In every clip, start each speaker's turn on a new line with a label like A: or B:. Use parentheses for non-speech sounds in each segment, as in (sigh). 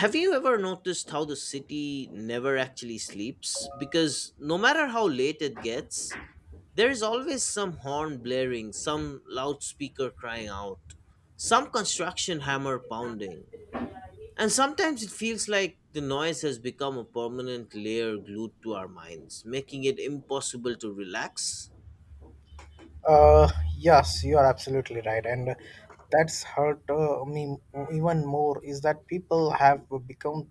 A: Have you ever noticed how the city never actually sleeps? Because no matter how late it gets, there is always some horn blaring, some loudspeaker crying out, some construction hammer pounding. And sometimes it feels like the noise has become a permanent layer glued to our minds, making it impossible to relax.
B: Uh, yes, you are absolutely right, and that's hurt me even more. Is that people have become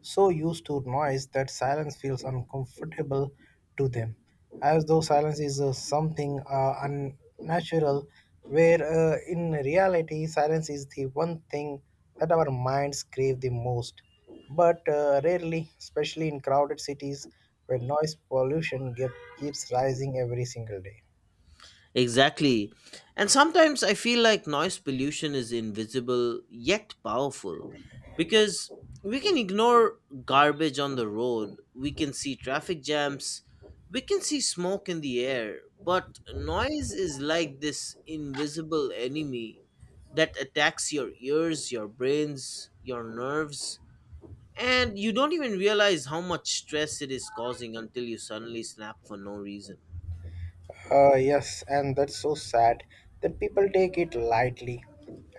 B: so used to noise that silence feels uncomfortable to them, as though silence is something unnatural. Where in reality, silence is the one thing that our minds crave the most, but rarely, especially in crowded cities where noise pollution keeps rising every single day.
A: Exactly. And sometimes I feel like noise pollution is invisible yet powerful because we can ignore garbage on the road, we can see traffic jams, we can see smoke in the air, but noise is like this invisible enemy that attacks your ears, your brains, your nerves, and you don't even realize how much stress it is causing until you suddenly snap for no reason.
B: Yes, and that's so sad that people take it lightly.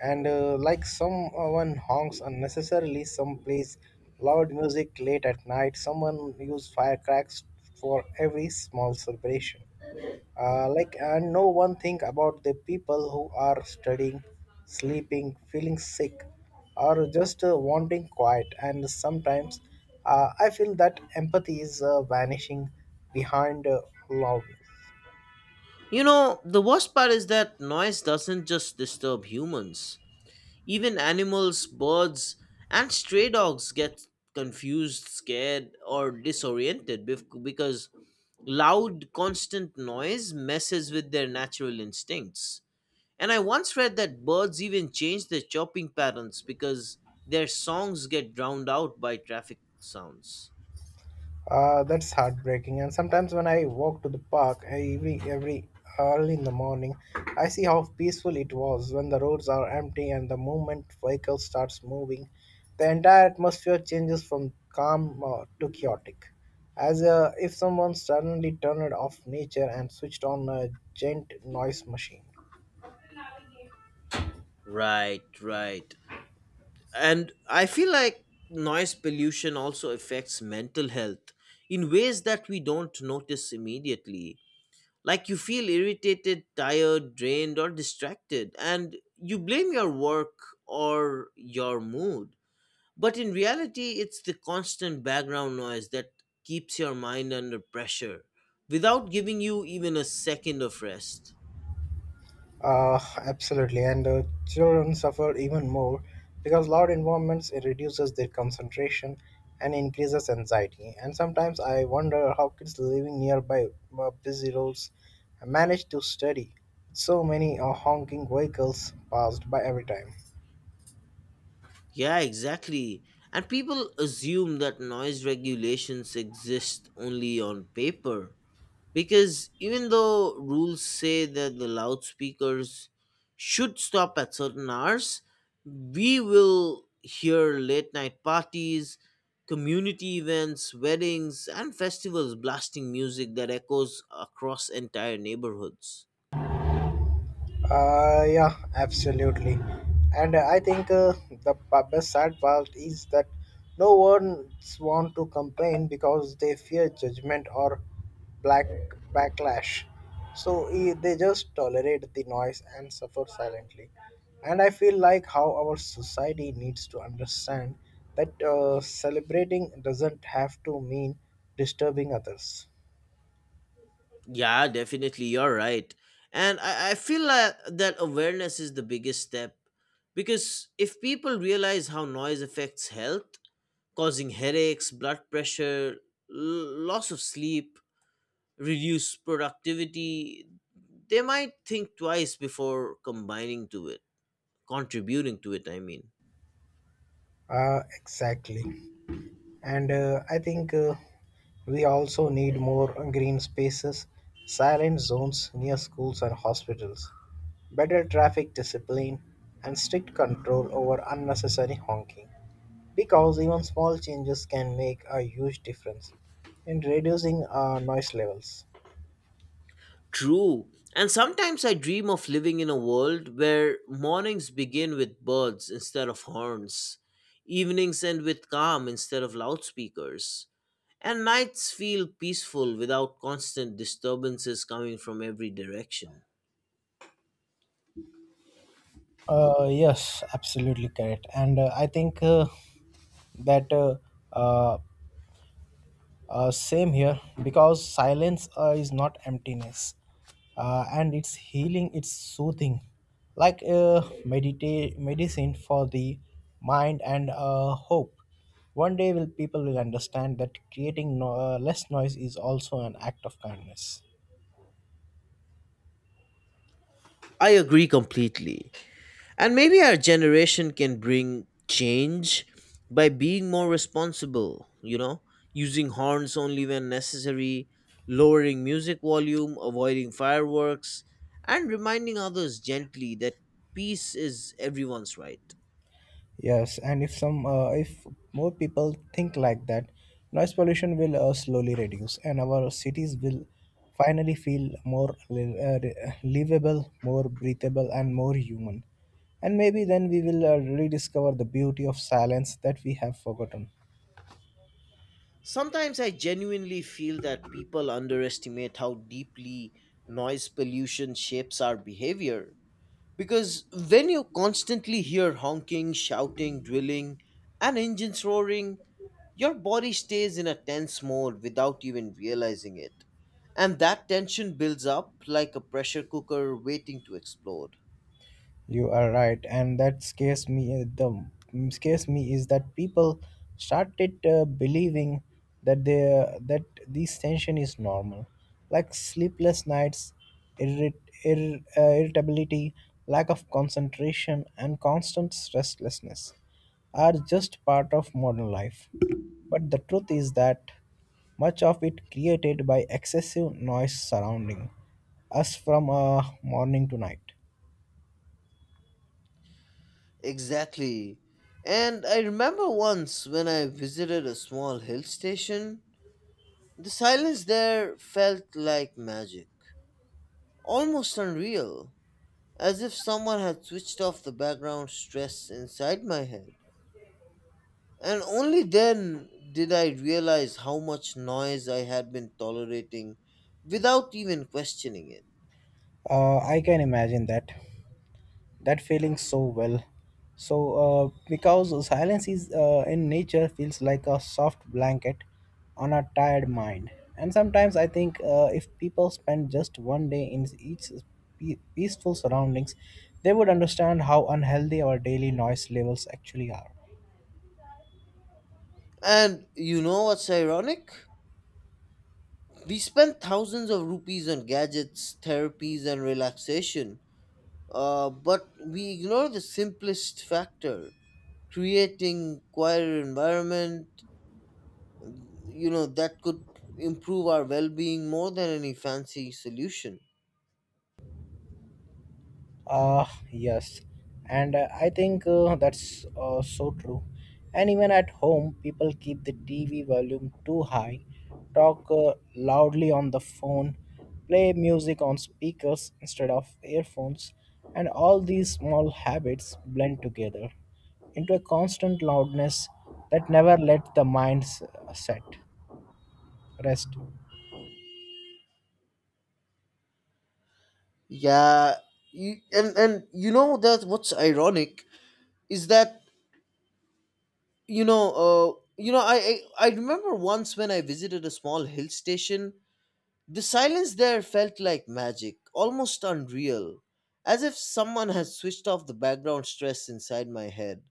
B: And like someone honks unnecessarily some plays loud music late at night, someone use firecrackers for every small celebration. Like, and no one think about the people who are studying, sleeping, feeling sick, or just wanting quiet. And sometimes I feel that empathy is vanishing behind loudness.
A: You know, the worst part is that noise doesn't just disturb humans. Even animals, birds, and stray dogs get confused, scared, or disoriented because loud, constant noise messes with their natural instincts. And I once read that birds even change their chopping patterns because their songs get drowned out by traffic sounds.
B: That's heartbreaking. And sometimes when I walk to the park every early in the morning, I see how peaceful it was when the roads are empty and the moment vehicle starts moving. The entire atmosphere changes from calm to chaotic, as if someone suddenly turned off nature and switched on a giant noise machine.
A: Right, right. And I feel like noise pollution also affects mental health in ways that we don't notice immediately, like you feel irritated, tired, drained, or distracted, and you blame your work or your mood, but in reality it's the constant background noise that keeps your mind under pressure without giving you even a second of rest.
B: Uh, Absolutely, and children suffer even more because loud environments it reduces their concentration and increases anxiety. And sometimes I wonder how kids living nearby busy roads manage to study with so many honking vehicles passed by every time.
A: Yeah, exactly. And people assume that noise regulations exist only on paper. Because even though rules say that the loudspeakers should stop at certain hours, we will hear late night parties, community events, weddings, and festivals blasting music that echoes across entire neighborhoods.
B: Yeah, absolutely. And I think best sad part is that no one wants to complain because they fear judgment or black backlash. So they just tolerate the noise and suffer silently. And I feel like how our society needs to understand that celebrating doesn't have to mean disturbing others.
A: Yeah, definitely. You're right. And I feel like that awareness is the biggest step because if people realize how noise affects health, causing headaches, blood pressure, loss of sleep, reduced productivity, they might think twice before combining to it, contributing to it, I mean.
B: Exactly. And I think we also need more green spaces, silent zones near schools and hospitals, better traffic discipline, and strict control over unnecessary honking. Because even small changes can make a huge difference in reducing noise levels.
A: True. And sometimes I dream of living in a world where mornings begin with birds instead of horns, evenings end with calm instead of loudspeakers, and nights feel peaceful without constant disturbances coming from every direction.
B: Yes, absolutely correct. And I think that uh, same here, because silence is not emptiness, and it's healing, it's soothing, like medicine for the mind and hope. One day, will people will understand that creating less noise is also an act of kindness.
A: I agree completely. And maybe our generation can bring change by being more responsible, you know, using horns only when necessary, lowering music volume, avoiding fireworks, and reminding others gently that peace is everyone's right.
B: Yes, and if some if more people think like that, noise pollution will slowly reduce, and our cities will finally feel more livable, more breathable, and more human. And maybe then we will rediscover the beauty of silence that we have forgotten.
A: Sometimes I genuinely feel that people underestimate how deeply noise pollution shapes our behavior. Because when you constantly hear honking, shouting, drilling, and engines roaring, your body stays in a tense mode without even realizing it. And that tension builds up like a pressure cooker waiting to explode.
B: You are right, and that scares me. The scares me is that people started believing that they that this tension is normal, like sleepless nights, irrit, irritability, lack of concentration, and constant restlessness are just part of modern life. But the truth is that much of it created by excessive noise surrounding us from morning to night.
A: Exactly. And I remember once when I visited a small hill station, the silence there felt like magic, almost unreal, as if someone had switched off the background stress inside my head. And only then did I realize how much noise I had been tolerating without even questioning it.
B: I can imagine that feeling so well. So because silence is in nature feels like a soft blanket on a tired mind. And sometimes I think if people spend just one day in each peaceful surroundings, they would understand how unhealthy our daily noise levels actually are.
A: And you know what's ironic? We spent thousands of rupees on gadgets, therapies, and relaxation, but we ignore the simplest factor, creating quieter environment, you know, that could improve our well-being more than any fancy solution.
B: Ah, yes. And I think that's so true. And even at home, people keep the TV volume too high, talk loudly on the phone, play music on speakers instead of earphones, and all these small habits blend together into a constant loudness that never let the mind set rest.
A: Yeah. You, and and you know that what's ironic is that, you know uh, I remember once when I visited a small hill station, the silence there felt like magic, almost unreal, as if someone had switched off the background stress inside my head,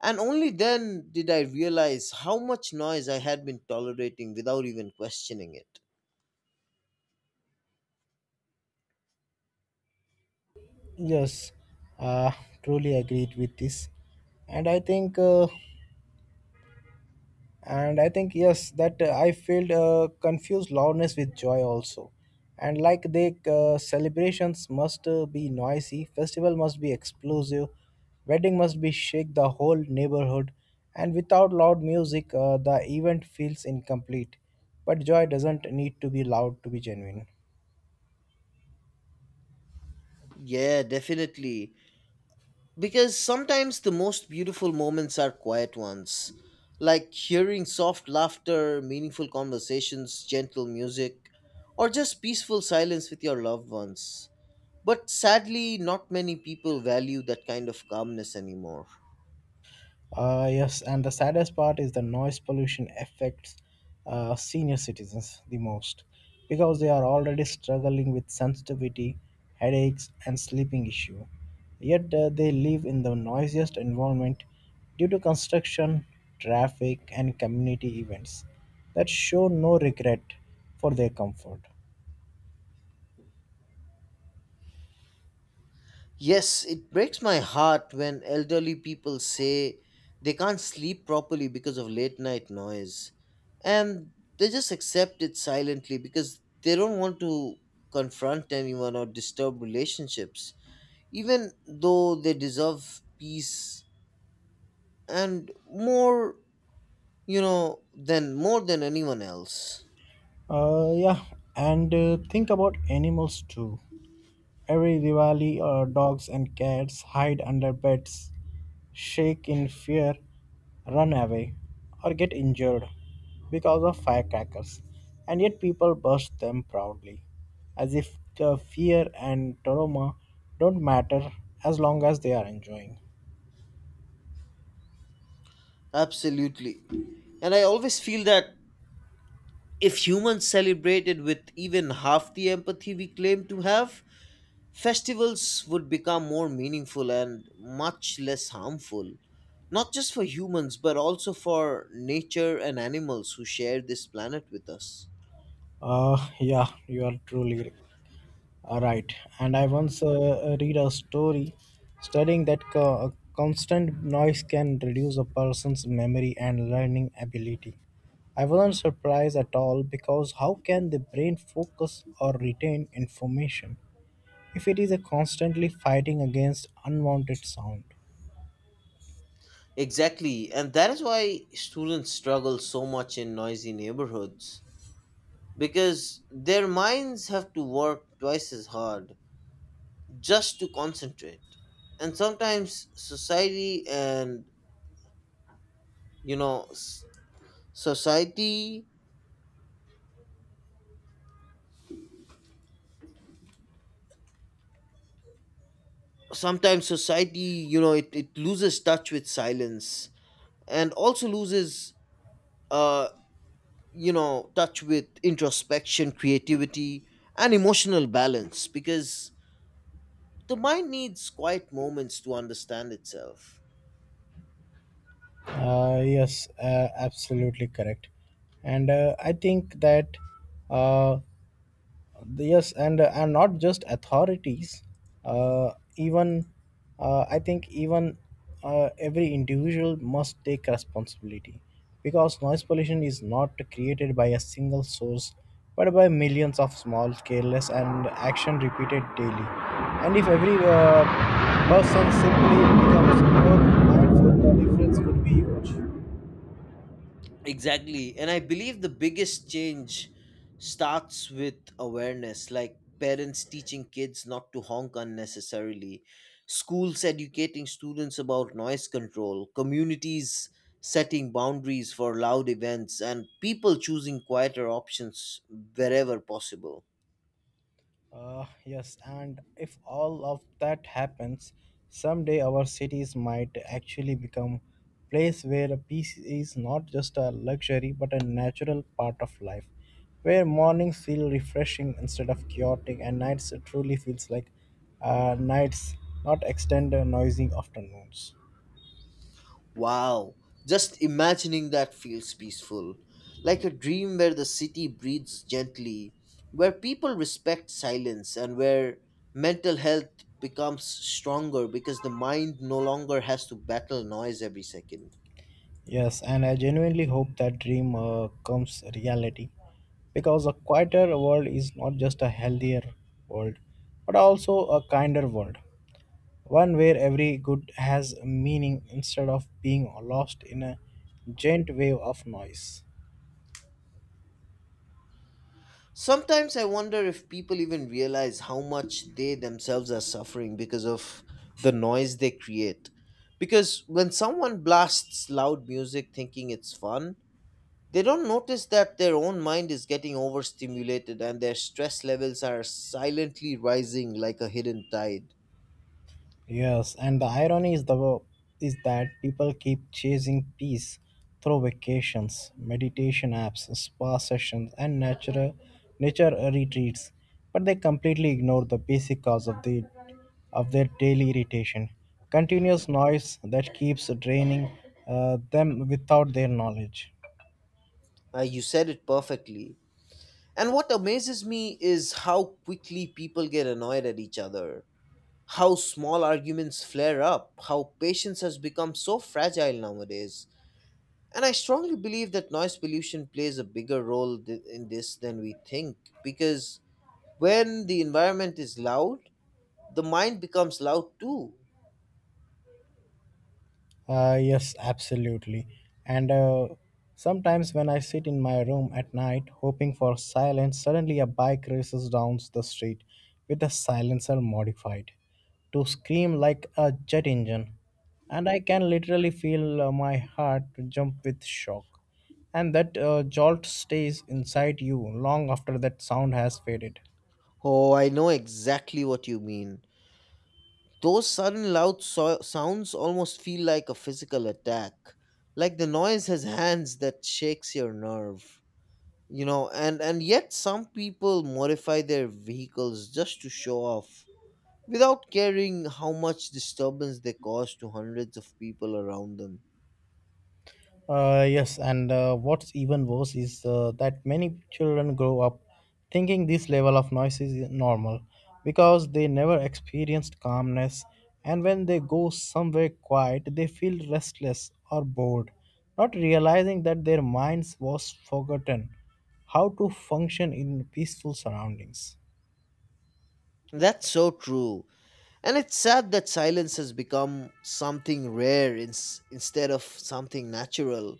A: and only then did I realize how much noise I had been tolerating without even questioning it.
B: Yes, uh, truly agreed with this. And I think. Uh, and I think yes that I felt confused loudness with joy also and like the celebrations must be noisy festival must be explosive wedding must be shake the whole neighborhood and without loud music the event feels incomplete but joy doesn't need to be loud to be genuine.
A: Yeah, definitely. Because sometimes the most beautiful moments are quiet ones, like hearing soft laughter, meaningful conversations, gentle music, or just peaceful silence with your loved ones. But sadly, not many people value that kind of calmness anymore.
B: Yes, and the saddest part is the noise pollution affects senior citizens the most because they are already struggling with sensitivity, headaches, and sleeping issue. Yet they live in the noisiest environment due to construction, traffic, and community events that show no regret for their comfort.
A: Yes, it breaks my heart when elderly people say they can't sleep properly because of late night noise. And they just accept it silently because they don't want to confront anyone or disturb relationships, even though they deserve peace and more, you know, than more than anyone else.
B: Yeah, and think about animals too. Every Diwali, dogs and cats hide under beds shake in fear, run away, or get injured because of firecrackers, and yet people burst them proudly, as if the fear and trauma don't matter as long as they are enjoying.
A: Absolutely. And I always feel that if humans celebrated with even half the empathy we claim to have, festivals would become more meaningful and much less harmful, not just for humans, but also for nature and animals who share this planet with us.
B: (laughs) Yeah, you are truly all right. And I once read a story studying that constant noise can reduce a person's memory and learning ability. I wasn't surprised at all because how can the brain focus or retain information if it is a constantly fighting against unwanted sound?
A: Exactly, and that is why students struggle so much in noisy neighborhoods because their minds have to work twice as hard just to concentrate. And sometimes society and you know s- society sometimes society, you know, it loses touch with silence and also loses, uh you know, touch with introspection, creativity, and emotional balance because the mind needs quiet moments to understand itself.
B: Yes, absolutely correct. And I think that uh, yes and not just authorities even I think even every individual must take responsibility because noise pollution is not created by a single source but by millions of small careless and action repeated daily. And if every person simply becomes more mindful the difference would be huge.
A: Exactly. And I believe the biggest change starts with awareness, like parents teaching kids not to honk unnecessarily, schools educating students about noise control, communities setting boundaries for loud events, and people choosing quieter options wherever possible.
B: Yes, and if all of that happens, someday our cities might actually become place where peace is not just a luxury but a natural part of life, where mornings feel refreshing instead of chaotic, and nights truly feels like nights, not extended noisy afternoons.
A: Wow, just imagining that feels peaceful. Like a dream where the city breathes gently, where people respect silence, and where mental health becomes stronger because the mind no longer has to battle noise every second.
B: Yes, and I genuinely hope that dream comes reality because a quieter world is not just a healthier world but also a kinder world. One where every good has meaning instead of being lost in a giant wave of noise.
A: Sometimes I wonder if people even realize how much they themselves are suffering because of the noise they create. Because when someone blasts loud music thinking it's fun, they don't notice that their own mind is getting overstimulated and their stress levels are silently rising like a hidden tide.
B: Yes, and the irony is that people keep chasing peace through vacations, meditation apps, spa sessions, and natural nature retreats, but they completely ignore the basic cause of the of their daily irritation, continuous noise that keeps draining them without their knowledge.
A: You said it perfectly. And what amazes me is how quickly people get annoyed at each other, how small arguments flare up, how patience has become so fragile nowadays. And I strongly believe that noise pollution plays a bigger role in this than we think because when the environment is loud, the mind becomes loud too.
B: Yes, absolutely. And sometimes when I sit in my room at night hoping for silence, suddenly a bike races down the street with the silencer modified to scream like a jet engine. And I can literally feel my heart jump with shock. And that jolt stays inside you long after that sound has faded.
A: Oh, I know exactly what you mean. Those sudden loud sounds almost feel like a physical attack, like the noise has hands that shakes your nerve. You know, and yet some people modify their vehicles just to show off without caring how much disturbance they cause to hundreds of people around them.
B: Yes, and what's even worse is that many children grow up thinking this level of noise is normal because they never experienced calmness, and when they go somewhere quiet, they feel restless or bored, not realizing that their minds was forgotten how to function in peaceful surroundings.
A: That's so true. And it's sad that silence has become something rare instead of something natural.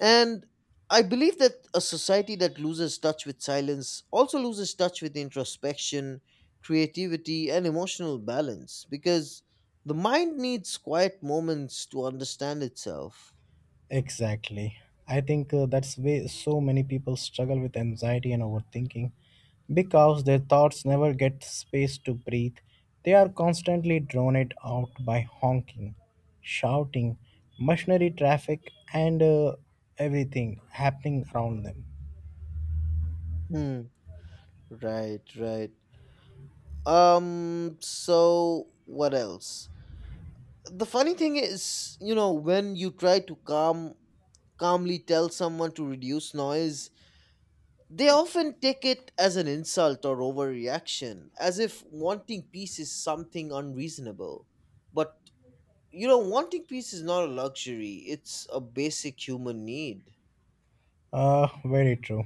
A: And I believe that a society that loses touch with silence also loses touch with introspection, creativity, and emotional balance because the mind needs quiet moments to understand itself.
B: Exactly. I think that's why so many people struggle with anxiety and overthinking because their thoughts never get space to breathe. They are constantly drawn it out by honking, shouting, machinery traffic, and everything happening around them.
A: Hmm. Right, right. So what else? The funny thing is, you know, when you try to calmly tell someone to reduce noise, they often take it as an insult or overreaction, as if wanting peace is something unreasonable. But, you know, wanting peace is not a luxury, it's a basic human need.
B: Very true.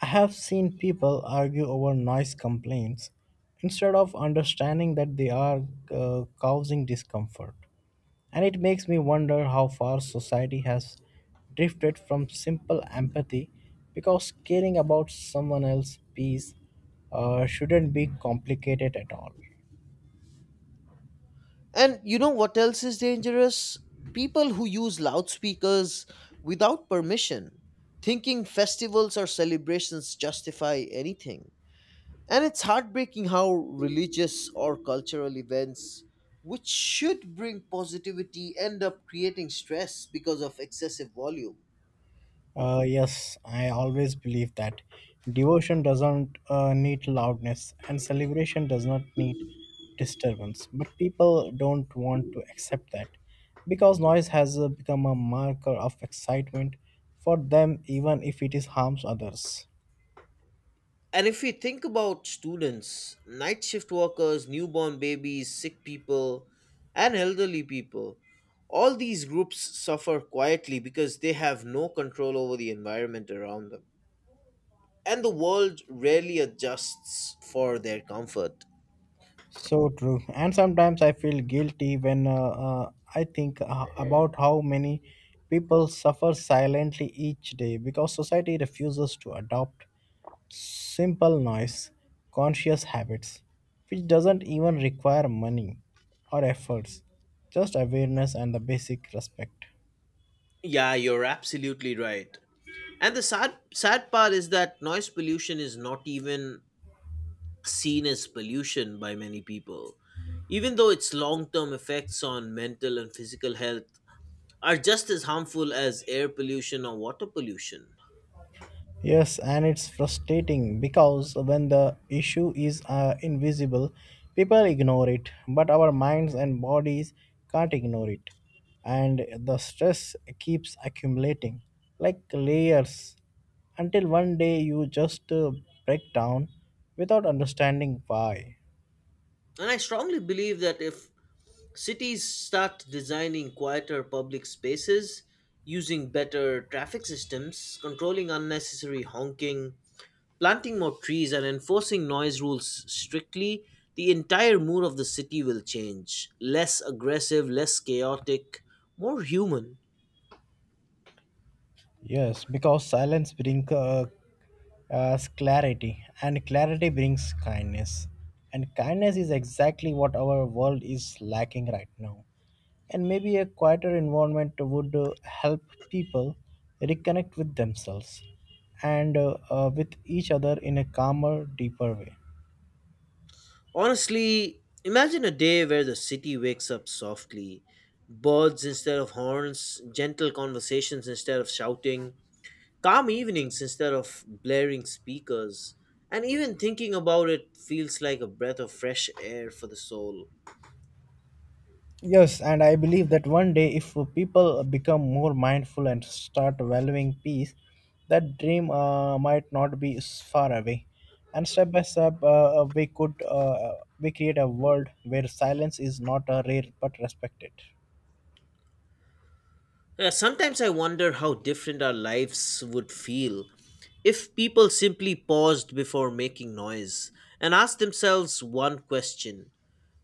B: I have seen people argue over noise complaints instead of understanding that they are causing discomfort. And it makes me wonder how far society has drifted from simple empathy because caring about someone else's peace shouldn't be complicated at all.
A: And you know what else is dangerous? People who use loudspeakers without permission, thinking festivals or celebrations justify anything. And it's heartbreaking how religious or cultural events, which should bring positivity, end up creating stress because of excessive volume.
B: Yes, I always believe that devotion doesn't need loudness and celebration does not need disturbance. But people don't want to accept that because noise has become a marker of excitement for them, even if it is harms others.
A: And if we think about students, night shift workers, newborn babies, sick people, and elderly people, all these groups suffer quietly because they have no control over the environment around them. And the world rarely adjusts for their comfort.
B: So true. And sometimes I feel guilty when I think about how many people suffer silently each day because society refuses to adopt simple noise conscious habits, which doesn't even require money or efforts, just awareness and the basic respect.
A: Yeah, you're absolutely right. And the sad sad part is that noise pollution is not even seen as pollution by many people, even though its long-term effects on mental and physical health are just as harmful as air pollution or water pollution.
B: Yes, and it's frustrating because when the issue is invisible, people ignore it, but our minds and bodies can't ignore it. And the stress keeps accumulating like layers until one day you just break down without understanding why.
A: And I strongly believe that if cities start designing quieter public spaces, using better traffic systems, controlling unnecessary honking, planting more trees and enforcing noise rules strictly, the entire mood of the city will change. Less aggressive, less chaotic, more human.
B: Yes, because silence brings us clarity, and clarity brings kindness. And kindness is exactly what our world is lacking right now. And maybe a quieter environment would help people reconnect with themselves and with each other in a calmer, deeper way.
A: Honestly, imagine a day where the city wakes up softly. Birds instead of horns, gentle conversations instead of shouting, calm evenings instead of blaring speakers. And even thinking about it feels like a breath of fresh air for the soul.
B: Yes, and I believe that one day, if people become more mindful and start valuing peace, that dream might not be far away. And step by step, we could we create a world where silence is not a rare but respected.
A: Yeah, sometimes I wonder how different our lives would feel if people simply paused before making noise and asked themselves one question,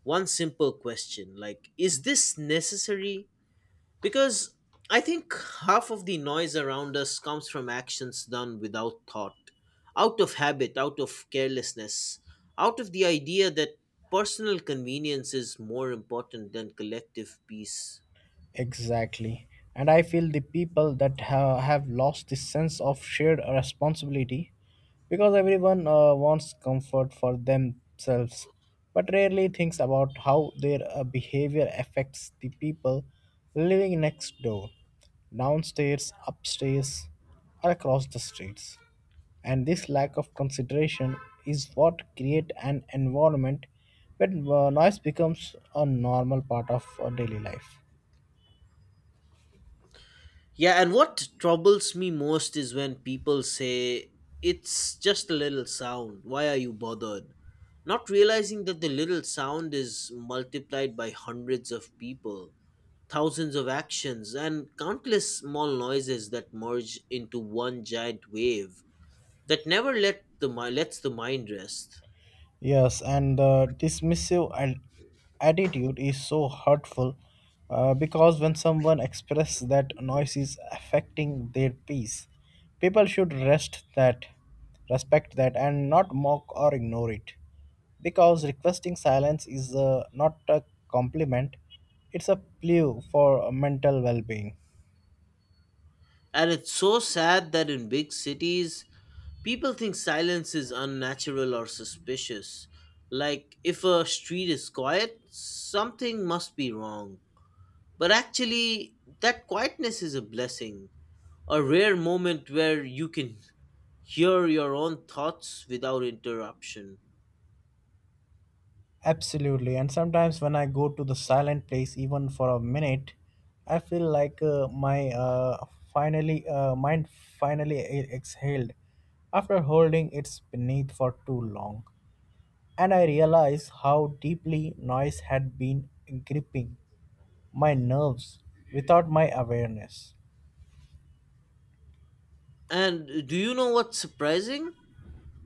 A: one simple question like, is this necessary? Because I think half of the noise around us comes from actions done without thought, out of habit, out of carelessness, out of the idea that personal convenience is more important than collective peace.
B: Exactly. And I feel the people that have lost the sense of shared responsibility because everyone wants comfort for themselves but rarely thinks about how their behavior affects the people living next door, downstairs, upstairs, or across the streets. And this lack of consideration is what create an environment where noise becomes a normal part of daily life.
A: Yeah, and what troubles me most is when people say, it's just a little sound, why are you bothered? Not realizing that the little sound is multiplied by hundreds of people, thousands of actions, and countless small noises that merge into one giant wave that never lets the mind rest.
B: Yes, and the dismissive and attitude is so hurtful because when someone expresses that noise is affecting their peace, people should respect that, and not mock or ignore it. Because requesting silence is not a compliment; it's a plea for mental well-being.
A: And it's so sad that in big cities, people think silence is unnatural or suspicious. Like, if a street is quiet, something must be wrong. But actually, that quietness is a blessing, a rare moment where you can hear your own thoughts without interruption.
B: Absolutely. And sometimes when I go to the silent place, even for a minute, I feel like my finally mind finally exhaled after holding its beneath for too long. And I realize how deeply noise had been gripping my nerves without my awareness.
A: And do you know what's surprising?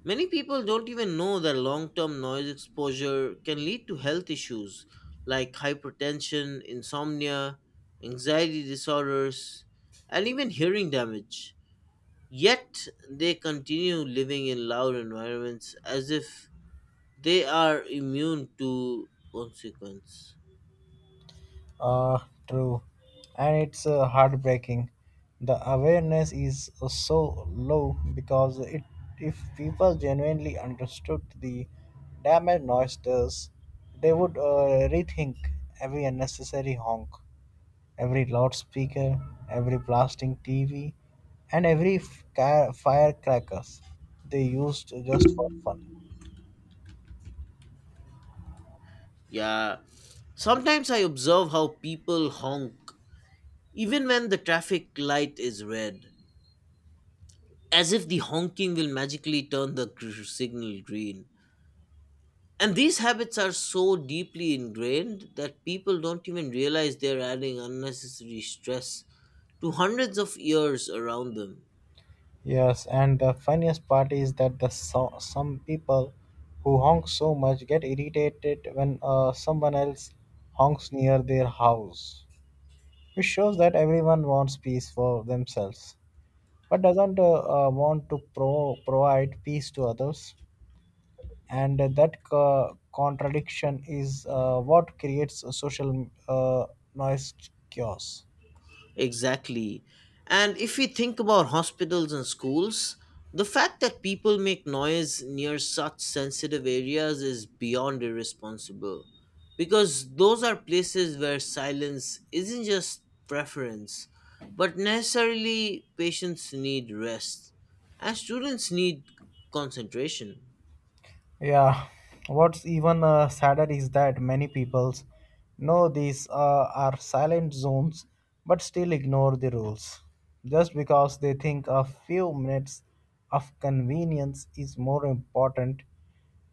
A: Many people don't even know that long term noise exposure can lead to health issues like hypertension, insomnia, anxiety disorders, and even hearing damage. Yet they continue living in loud environments as if they are immune to consequence.
B: Uh, True. And it's heartbreaking. The awareness is so low because if people genuinely understood the damage noise does, they would rethink every unnecessary honk, every loudspeaker, every blasting TV, and every firecrackers they used just for fun.
A: Yeah. Sometimes I observe how people honk even when the traffic light is red, as if the honking will magically turn the signal green. And these habits are so deeply ingrained that people don't even realize they're adding unnecessary stress to hundreds of years around them.
B: Yes, and the funniest part is that some people who honk so much get irritated when someone else honks near their house, which shows that everyone wants peace for themselves but doesn't want to provide peace to others. And that contradiction is what creates a social noise chaos.
A: Exactly. And if we think about hospitals and schools, the fact that people make noise near such sensitive areas is beyond irresponsible. Because those are places where silence isn't just preference, but necessarily patients need rest, and students need concentration.
B: Yeah, what's even sadder is that many peoples know these are silent zones but still ignore the rules just because they think a few minutes of convenience is more important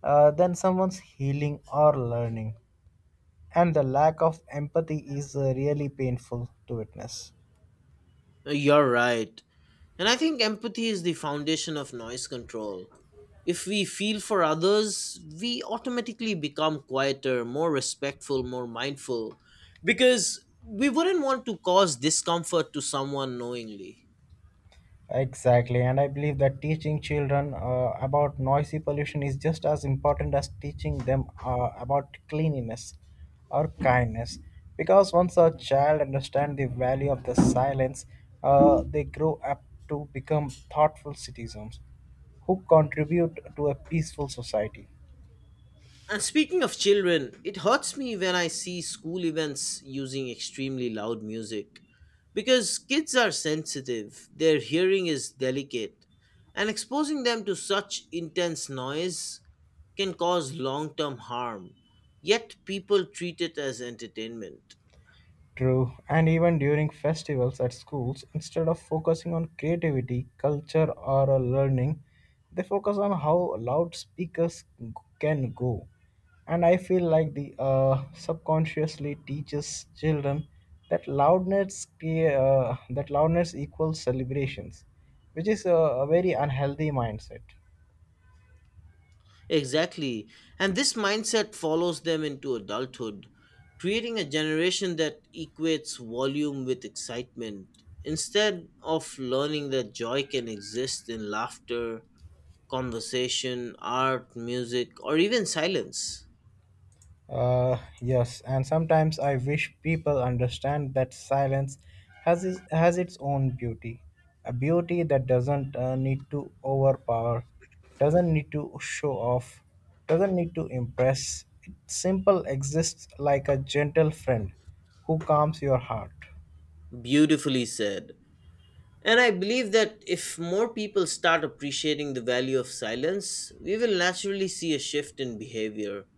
B: than someone's healing or learning. And the lack of empathy is really painful to witness.
A: You're right. And I think empathy is the foundation of noise control. If we feel for others, we automatically become quieter, more respectful, more mindful, because we wouldn't want to cause discomfort to someone knowingly.
B: Exactly, and I believe that teaching children about noisy pollution is just as important as teaching them about cleanliness or kindness. Because once a child understands the value of the silence, they grow up to become thoughtful citizens who contribute to a peaceful society.
A: And speaking of children, it hurts me when I see school events using extremely loud music because kids are sensitive, their hearing is delicate, and exposing them to such intense noise can cause long term harm, yet people treat it as entertainment.
B: True, and even during festivals at schools, instead of focusing on creativity, culture, or learning, they focus on how loudspeakers can go. And I feel like the subconsciously teaches children that that loudness equals celebrations, which is a very unhealthy mindset.
A: Exactly, and this mindset follows them into adulthood, creating a generation that equates volume with excitement instead of learning that joy can exist in laughter, conversation, art, music, or even silence.
B: Yes, and sometimes I wish people understand that silence has its own beauty, a beauty that doesn't need to overpower, doesn't need to show off, doesn't need to impress. It simple exists like a gentle friend who calms your heart.
A: Beautifully said. And I believe that if more people start appreciating the value of silence, we will naturally see a shift in behavior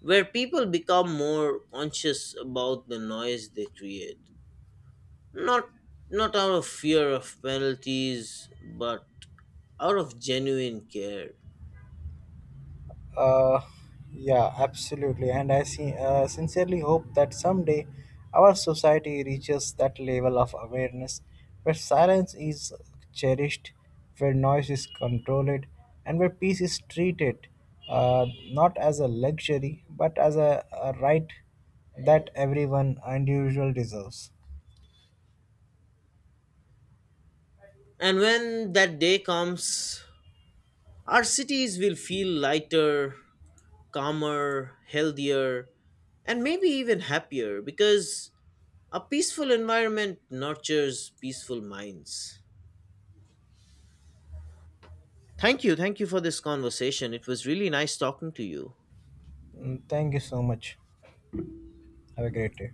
A: where people become more conscious about the noise they create. Not Not out of fear of penalties, but out of genuine care.
B: Uh, yeah, absolutely. And I see, sincerely hope that someday our society reaches that level of awareness where silence is cherished, where noise is controlled, and where peace is treated not as a luxury but as a right that everyone individual deserves.
A: And when that day comes, our cities will feel lighter, calmer, healthier, and maybe even happier because a peaceful environment nurtures peaceful minds. Thank you. Thank you for this conversation. It was really nice talking to you.
B: Mm, thank you so much. Have a great day.